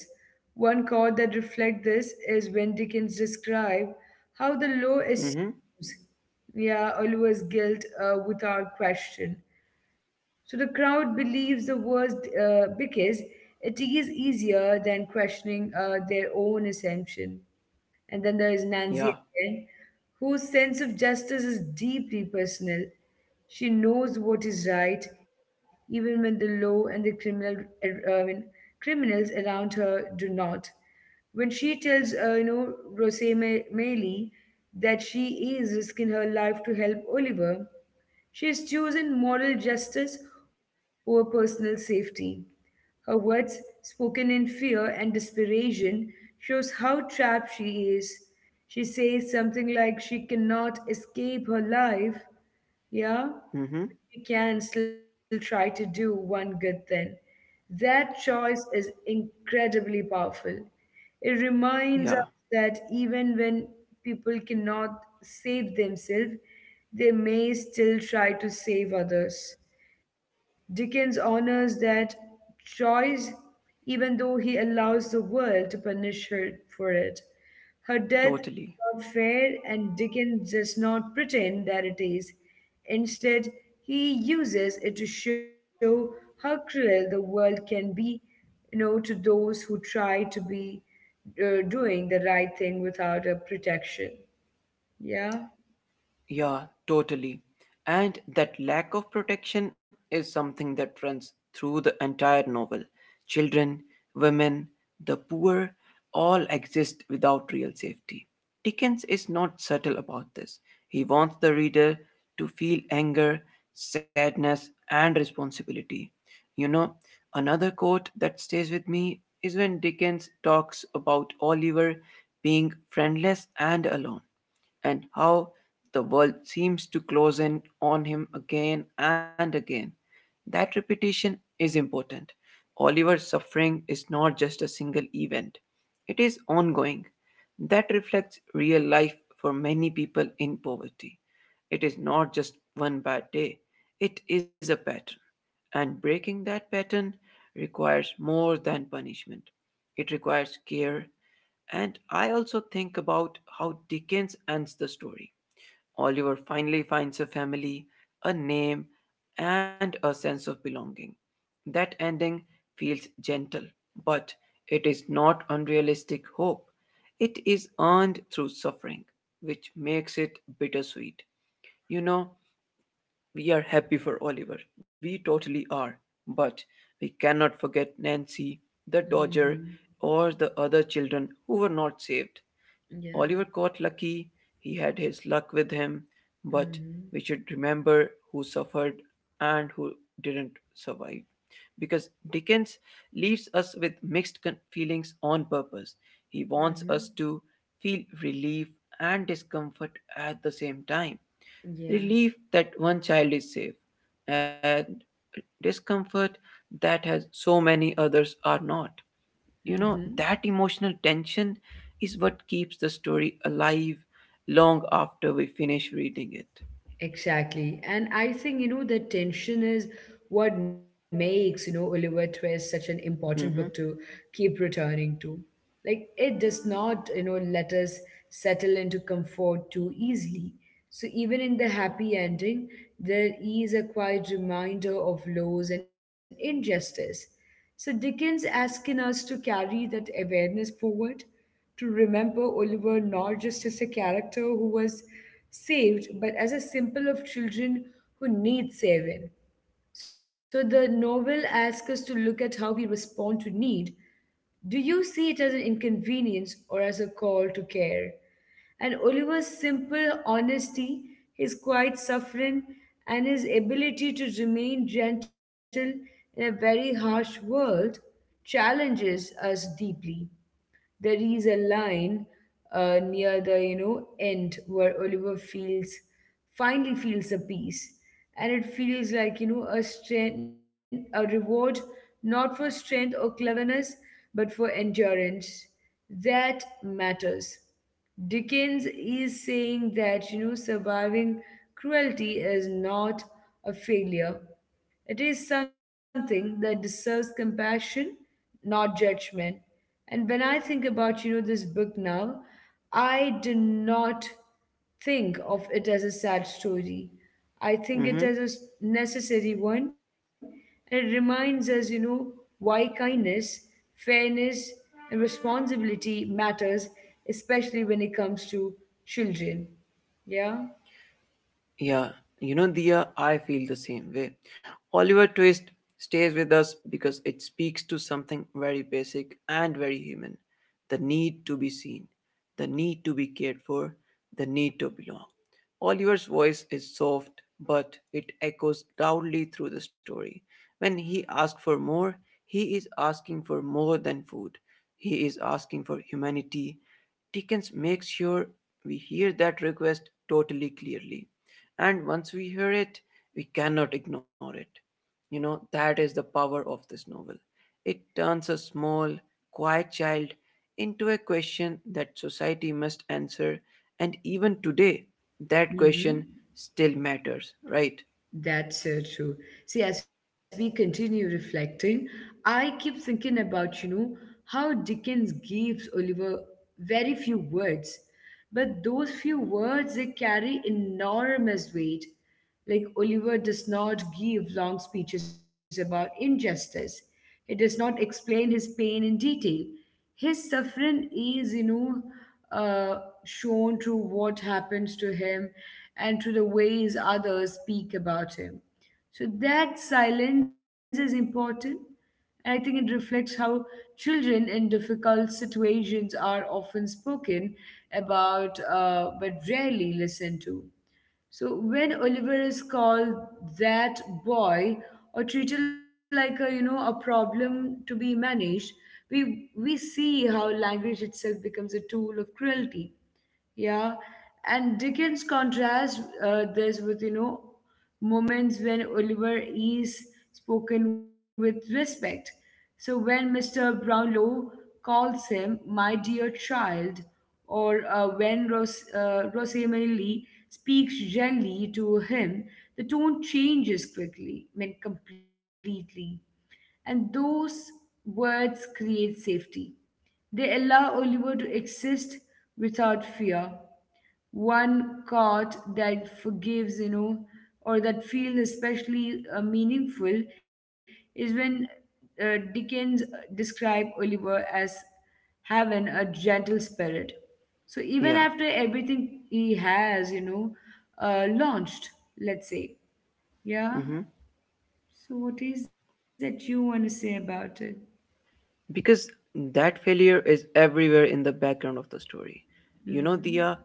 Speaker 1: One chord that reflects this is when Dickens describes how the law
Speaker 2: Mm-hmm.
Speaker 1: assumes, yeah, Oliver's guilt uh, without question. So the crowd believes the worst uh, because it is easier than questioning uh, their own assumption. And then there is
Speaker 2: Yeah.
Speaker 1: Nancy again, whose sense of justice is deeply personal. She knows what is right, even when the law and the criminal, uh, I mean, criminals around her do not. When she tells, uh, you know, Rose Maylie that she is risking her life to help Oliver, she has chosen moral justice over personal safety. Her words, spoken in fear and desperation, shows how trapped she is. She says something like she cannot escape her life. Yeah?
Speaker 2: Mm-hmm.
Speaker 1: You can still try to do one good thing. That choice is incredibly powerful. It reminds
Speaker 2: Yeah.
Speaker 1: us that even when people cannot save themselves, they may still try to save others. Dickens honors that choice even though he allows the world to punish her for it. Her death
Speaker 2: Totally.
Speaker 1: is not fair, and Dickens does not pretend that it is. Instead, he uses it to show how cruel the world can be, you know, to those who try to be uh, doing the right thing without a protection. Yeah.
Speaker 2: Yeah, totally. And that lack of protection is something that runs through the entire novel. Children, women, the poor all exist without real safety. Dickens is not subtle about this. He wants the reader to feel anger, sadness, and responsibility. You know, another quote that stays with me is when Dickens talks about Oliver being friendless and alone and how the world seems to close in on him again and again. That repetition is important. Oliver's suffering is not just a single event, it is ongoing. That reflects real life for many people in poverty. It is not just one bad day, it is a pattern. And breaking that pattern requires more than punishment. It requires care, and I also think about how Dickens ends the story. Oliver finally finds a family, a name, and a sense of belonging. That ending feels gentle, but it is not unrealistic hope. It is earned through suffering, which makes it bittersweet. You know, we are happy for Oliver. We totally are. But we cannot forget Nancy, the Dodger,
Speaker 1: Mm-hmm.
Speaker 2: or the other children who were not saved.
Speaker 1: Yeah.
Speaker 2: Oliver caught lucky, he had his luck with him, but
Speaker 1: Mm-hmm.
Speaker 2: we should remember who suffered and who didn't survive. Because Dickens leaves us with mixed con- feelings on purpose. He wants
Speaker 1: Mm-hmm.
Speaker 2: us to feel relief and discomfort at the same time.
Speaker 1: Yeah.
Speaker 2: Relief that one child is safe, and discomfort that has so many others are not. You know
Speaker 1: Mm-hmm.
Speaker 2: that emotional tension is what keeps the story alive long after we finish reading it.
Speaker 1: Exactly. And I think, you know, the tension is what makes, you know, Oliver Twist such an important book
Speaker 2: Mm-hmm.
Speaker 1: to keep returning to. Like, it does not, you know, let us settle into comfort too easily. So, even in the happy ending, there is a quiet reminder of laws and injustice. So, Dickens asking us to carry that awareness forward, to remember Oliver not just as a character who was saved, but as a symbol of children who need saving. So, the novel asks us to look at how we respond to need. Do you see it as an inconvenience or as a call to care? And Oliver's simple honesty, his quiet suffering, and his ability to remain gentle in a very harsh world challenges us deeply. There is a line uh, near the you know end where Oliver feels finally feels a peace, and it feels like you know a strength, a reward not for strength or cleverness, but for endurance. That matters. Dickens is saying that you know surviving cruelty is not a failure, it is something that deserves compassion, not judgment. And when I think about, you know, this book now, I do not think of it as a sad story. I think it as a
Speaker 2: Mm-hmm.
Speaker 1: s- necessary one. And it reminds us, you know, why kindness, fairness, and responsibility matters, especially when it comes to children. Yeah.
Speaker 2: Yeah, you know, Dia, I feel the same way. Oliver Twist stays with us because it speaks to something very basic and very human the need to be seen, the need to be cared for, the need to belong. Oliver's voice is soft, but it echoes loudly through the story. When he asks for more, he is asking for more than food, he is asking for humanity. Dickens makes sure we hear that request totally clearly, and once we hear it we cannot ignore it. You know that is the power of this novel, it turns a small quiet child into a question that society must answer. And even today that
Speaker 1: Mm-hmm.
Speaker 2: question still matters, right?
Speaker 1: That's so true. See, as we continue reflecting, I keep thinking about, you know, how Dickens gives Oliver very few words, but those few words they carry enormous weight. Like, Oliver does not give long speeches about injustice. He does not explain his pain in detail. His suffering is, you know, uh, shown through what happens to him and through the ways others speak about him. So that silence is important. And I think it reflects how children in difficult situations are often spoken about, uh, but rarely listened to. So when Oliver is called that boy or treated like a you know a problem to be managed, we we see how language itself becomes a tool of cruelty. Yeah, and Dickens contrasts uh, this with, you know, moments when Oliver is spoken with respect. So when mister Brownlow calls him my dear child, or uh, when Ros- uh, Rosamely speaks gently to him, the tone changes quickly, I mean completely, and those words create safety. They allow Oliver to exist without fear. One caught that forgives, you know, or that feels especially uh, meaningful is when uh, Dickens uh, described Oliver as having a gentle spirit. So even
Speaker 2: Yeah.
Speaker 1: after everything he has, you know, uh, launched, let's say, yeah.
Speaker 2: Mm-hmm.
Speaker 1: So what is that you want to say about it?
Speaker 2: Because that failure is everywhere in the background of the story. You know,
Speaker 1: Mm-hmm.
Speaker 2: Dia,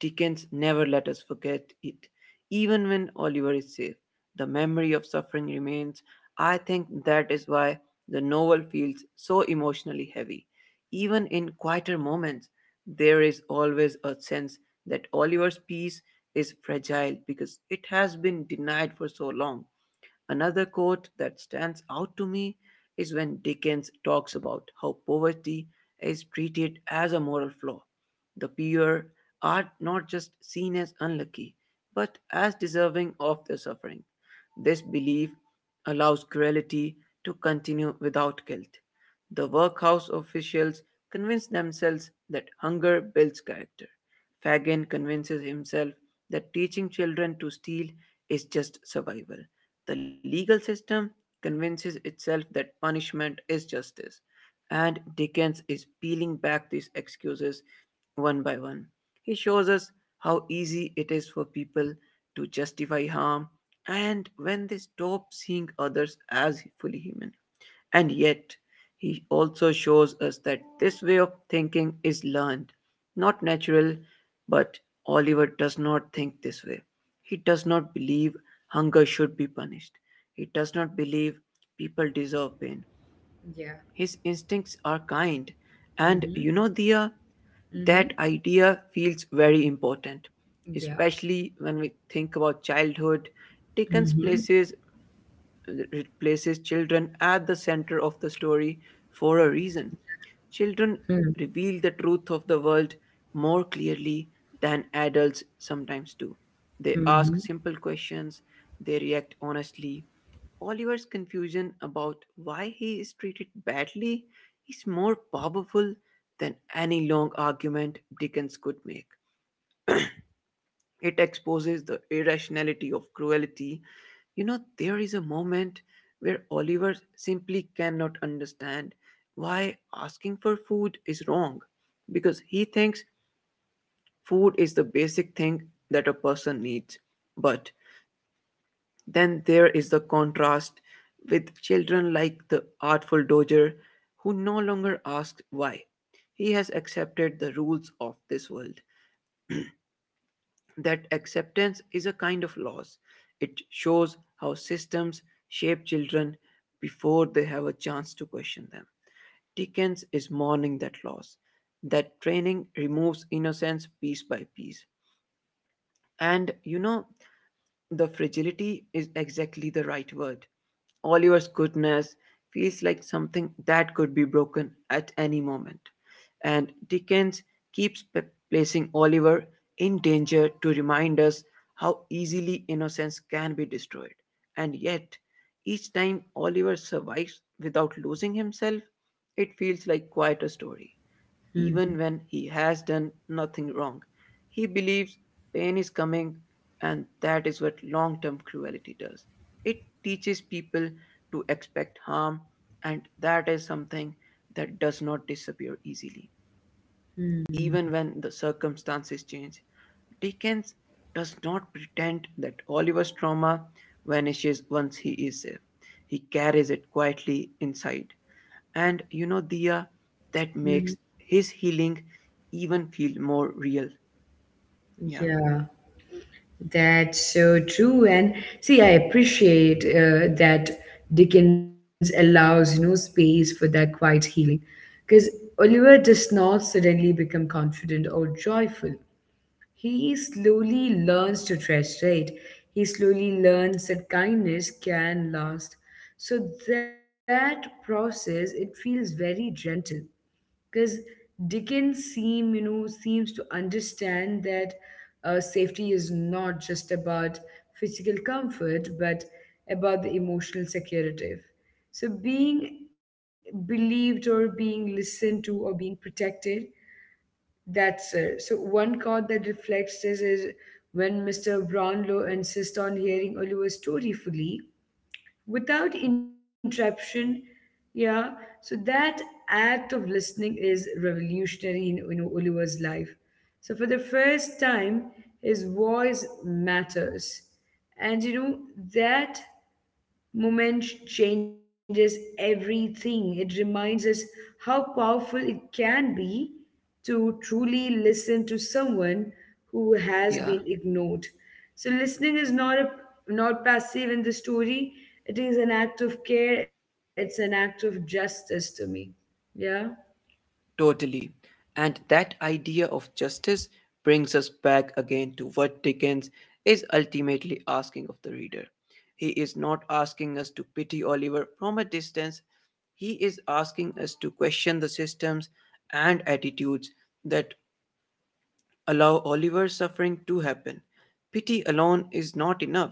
Speaker 2: Dickens never let us forget it. Even when Oliver is safe, the memory of suffering remains. I think that is why the novel feels so emotionally heavy. Even in quieter moments, there is always a sense that Oliver's peace is fragile because it has been denied for so long. Another quote that stands out to me is when Dickens talks about how poverty is treated as a moral flaw. The poor are not just seen as unlucky, but as deserving of their suffering. This belief allows cruelty to continue without guilt. The workhouse officials convince themselves that hunger builds character. Fagin convinces himself that teaching children to steal is just survival. The legal system convinces itself that punishment is justice, and Dickens is peeling back these excuses one by one. He shows us how easy it is for people to justify harm and when they stop seeing others as fully human. And yet, he also shows us that this way of thinking is learned, not natural, but Oliver does not think this way. He does not believe hunger should be punished. He does not believe people deserve pain.
Speaker 1: Yeah.
Speaker 2: His instincts are kind. And
Speaker 1: Mm-hmm.
Speaker 2: you know, Dia,
Speaker 1: Mm-hmm.
Speaker 2: that idea feels very important,
Speaker 1: Yeah.
Speaker 2: especially when we think about childhood. Dickens
Speaker 1: Mm-hmm.
Speaker 2: places It places children at the center of the story for a reason. Children
Speaker 1: Mm-hmm.
Speaker 2: reveal the truth of the world more clearly than adults sometimes do. They ask
Speaker 1: Mm-hmm.
Speaker 2: simple questions, they react honestly. Oliver's confusion about why he is treated badly is more powerful than any long argument Dickens could make. It exposes the irrationality of cruelty. You know, there is a moment where Oliver simply cannot understand why asking for food is wrong because he thinks food is the basic thing that a person needs. But then there is the contrast with children like the artful Doger who no longer asks why. He has accepted the rules of this world. That acceptance is a kind of loss. It shows how systems shape children before they have a chance to question them. Dickens is mourning that loss. That training removes innocence piece by piece. And you know, the fragility is exactly the right word. Oliver's goodness feels like something that could be broken at any moment. And Dickens keeps p- placing Oliver in danger to remind us how easily innocence can be destroyed. And yet, each time Oliver survives without losing himself, it feels like quite a story even when he has done nothing wrong. He believes pain is coming, and that is what long term cruelty does. It teaches people to expect harm, and that is something that does not disappear easily.
Speaker 1: Mm-hmm.
Speaker 2: Even when the circumstances change, Dickens does not pretend that Oliver's trauma vanishes once he is safe. He carries it quietly inside, and you know, Dia, that
Speaker 1: Mhm.
Speaker 2: makes his healing even feel more real. Yeah.
Speaker 1: Yeah, that's so true. And see, I appreciate uh, that Dickens allows, you know, space for that quiet healing, because Oliver does not suddenly become confident or joyful. He slowly learns to trust, right? He slowly learns that kindness can last. So that process, it feels very gentle because Dickens seem you know seems to understand that uh, safety is not just about physical comfort but about the emotional security. So being believed or being listened to or being protected, that's it. So one card that reflects this is when mister Brownlow insists on hearing Oliver's story fully without interruption. Yeah. So that act of listening is revolutionary in, you know, Oliver's life. So for the first time, his voice matters. And you know, that Movement changes everything. It reminds us how powerful it can be to truly listen to someone who has
Speaker 2: Yeah.
Speaker 1: been ignored. So listening is not a not passive in the story. It is an act of care. It's an act of justice to me. Yeah.
Speaker 2: Totally. And that idea of justice brings us back again to what Dickens is ultimately asking of the reader. He is not asking us to pity Oliver from a distance, he is asking us to question the systems and attitudes that allow Oliver's suffering to happen. Pity alone is not enough.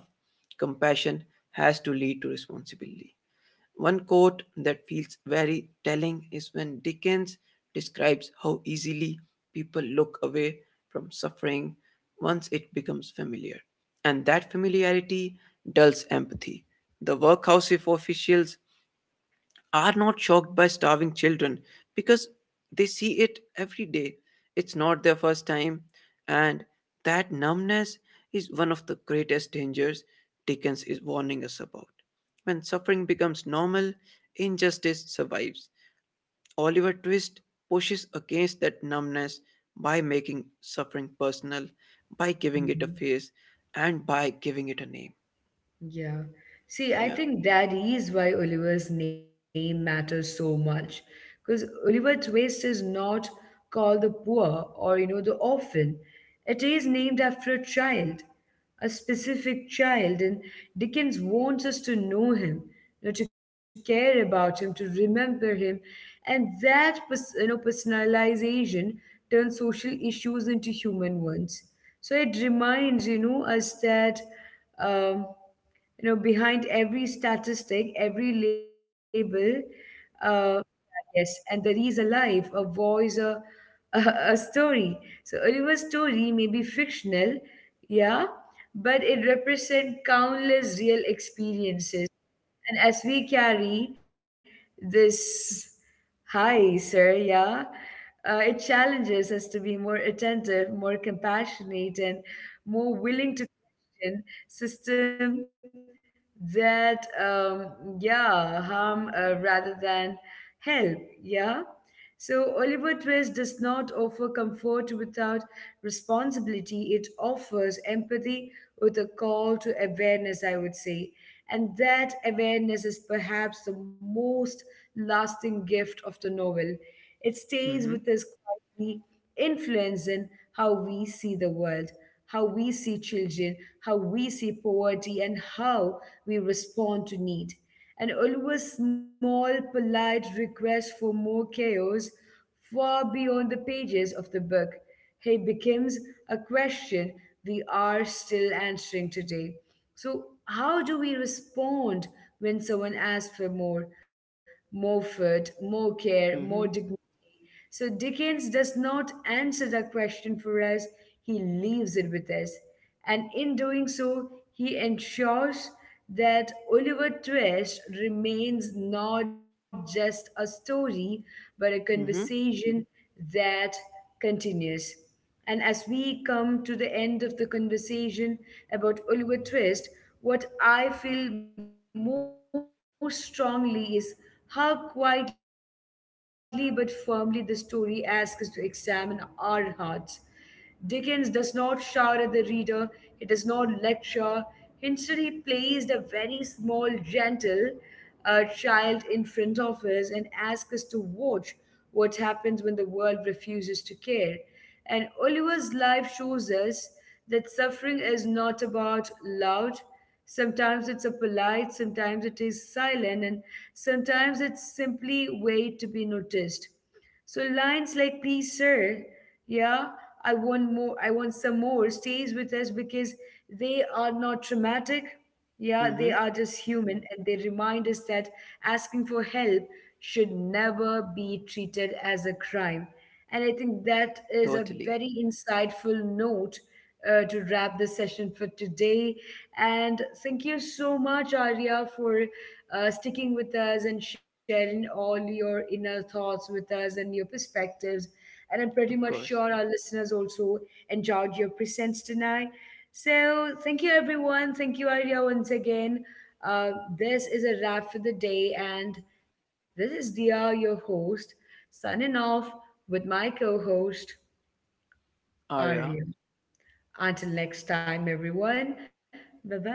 Speaker 2: Compassion has to lead to responsibility. One quote that feels very telling is when Dickens describes how easily people look away from suffering once it becomes familiar. And that familiarity dulls empathy. The workhouse of officials are not shocked by starving children because they see it every day. It's not their first time, and that numbness is one of the greatest dangers Dickens is warning us about. When suffering becomes normal, injustice survives. Oliver Twist pushes against that numbness by making suffering personal, by giving it a face, and by giving it a name.
Speaker 1: Yeah. See, I
Speaker 2: Yeah.
Speaker 1: think that is why Oliver's name matters so much. Because Oliver Twist is not called the poor or, you know, the orphan. It is named after a child, a specific child. And Dickens wants us to know him, you know, to care about him, to remember him. And that, pers- you know, personalization turns social issues into human ones. So it reminds, you know, us that. Um, you know behind every statistic, every label, uh, yes, and there is a life, a voice, a, a, a story. So Oliver's story may be fictional, yeah, but it represents countless real experiences. And as we carry this high, sir, yeah, uh, it challenges us to be more attentive, more compassionate, and more willing to question system that, um, yeah, harm uh, rather than help, yeah. So Oliver Twist does not offer comfort without responsibility. It offers empathy with a call to awareness, I would say. And that awareness is perhaps the most lasting gift of the novel. It
Speaker 2: Mm
Speaker 1: stays
Speaker 2: hmm.
Speaker 1: with us quietly, influencing how we see the world, how we see children, how we see poverty, and how we respond to need. And Ulva's small, polite request for more chaos far beyond the pages of the book. Hey becomes a question we are still answering today. So, how do we respond when someone asks for more, more food, more care, more
Speaker 2: Mm
Speaker 1: dignity?
Speaker 2: hmm.
Speaker 1: So, Dickens does not answer the question for us, he leaves it with us. And in doing so, he ensures that Oliver Twist remains not just a story, but a
Speaker 2: Mm hmm.
Speaker 1: conversation that continues. And as we come to the end of the conversation about Oliver Twist, what I feel most strongly is how quietly but firmly the story asks us to examine our hearts. Dickens does not shout at the reader, he does not lecture. Instead, he plays a very small, gentle a child in front of us and ask us to watch what happens when the world refuses to care. And Oliver's life shows us that suffering is not about loud. Sometimes it's a polite, sometimes it is silent, and sometimes it's simply wait to be noticed. So lines like please sir, yeah, I want more, I want some more stays with us because they are not traumatic.
Speaker 2: Mm
Speaker 1: Yeah,
Speaker 2: hmm.
Speaker 1: they are just human and they remind us that asking for help should never be treated as a crime. And I think that is a
Speaker 2: Totally.
Speaker 1: very insightful note uh, to wrap the session for today. And thank you so much, Arya, for uh, sticking with us and sharing all your inner thoughts with us and your perspectives. And I'm pretty
Speaker 2: Of
Speaker 1: much sure
Speaker 2: course.
Speaker 1: our listeners also enjoyed your presence tonight. So, thank you everyone. Thank you, Arya, once again. Uh, this is a wrap for the day, and this is Dia, your host, signing off with my co host,
Speaker 2: Arya
Speaker 1: Arya. Until next time, everyone. Bye bye.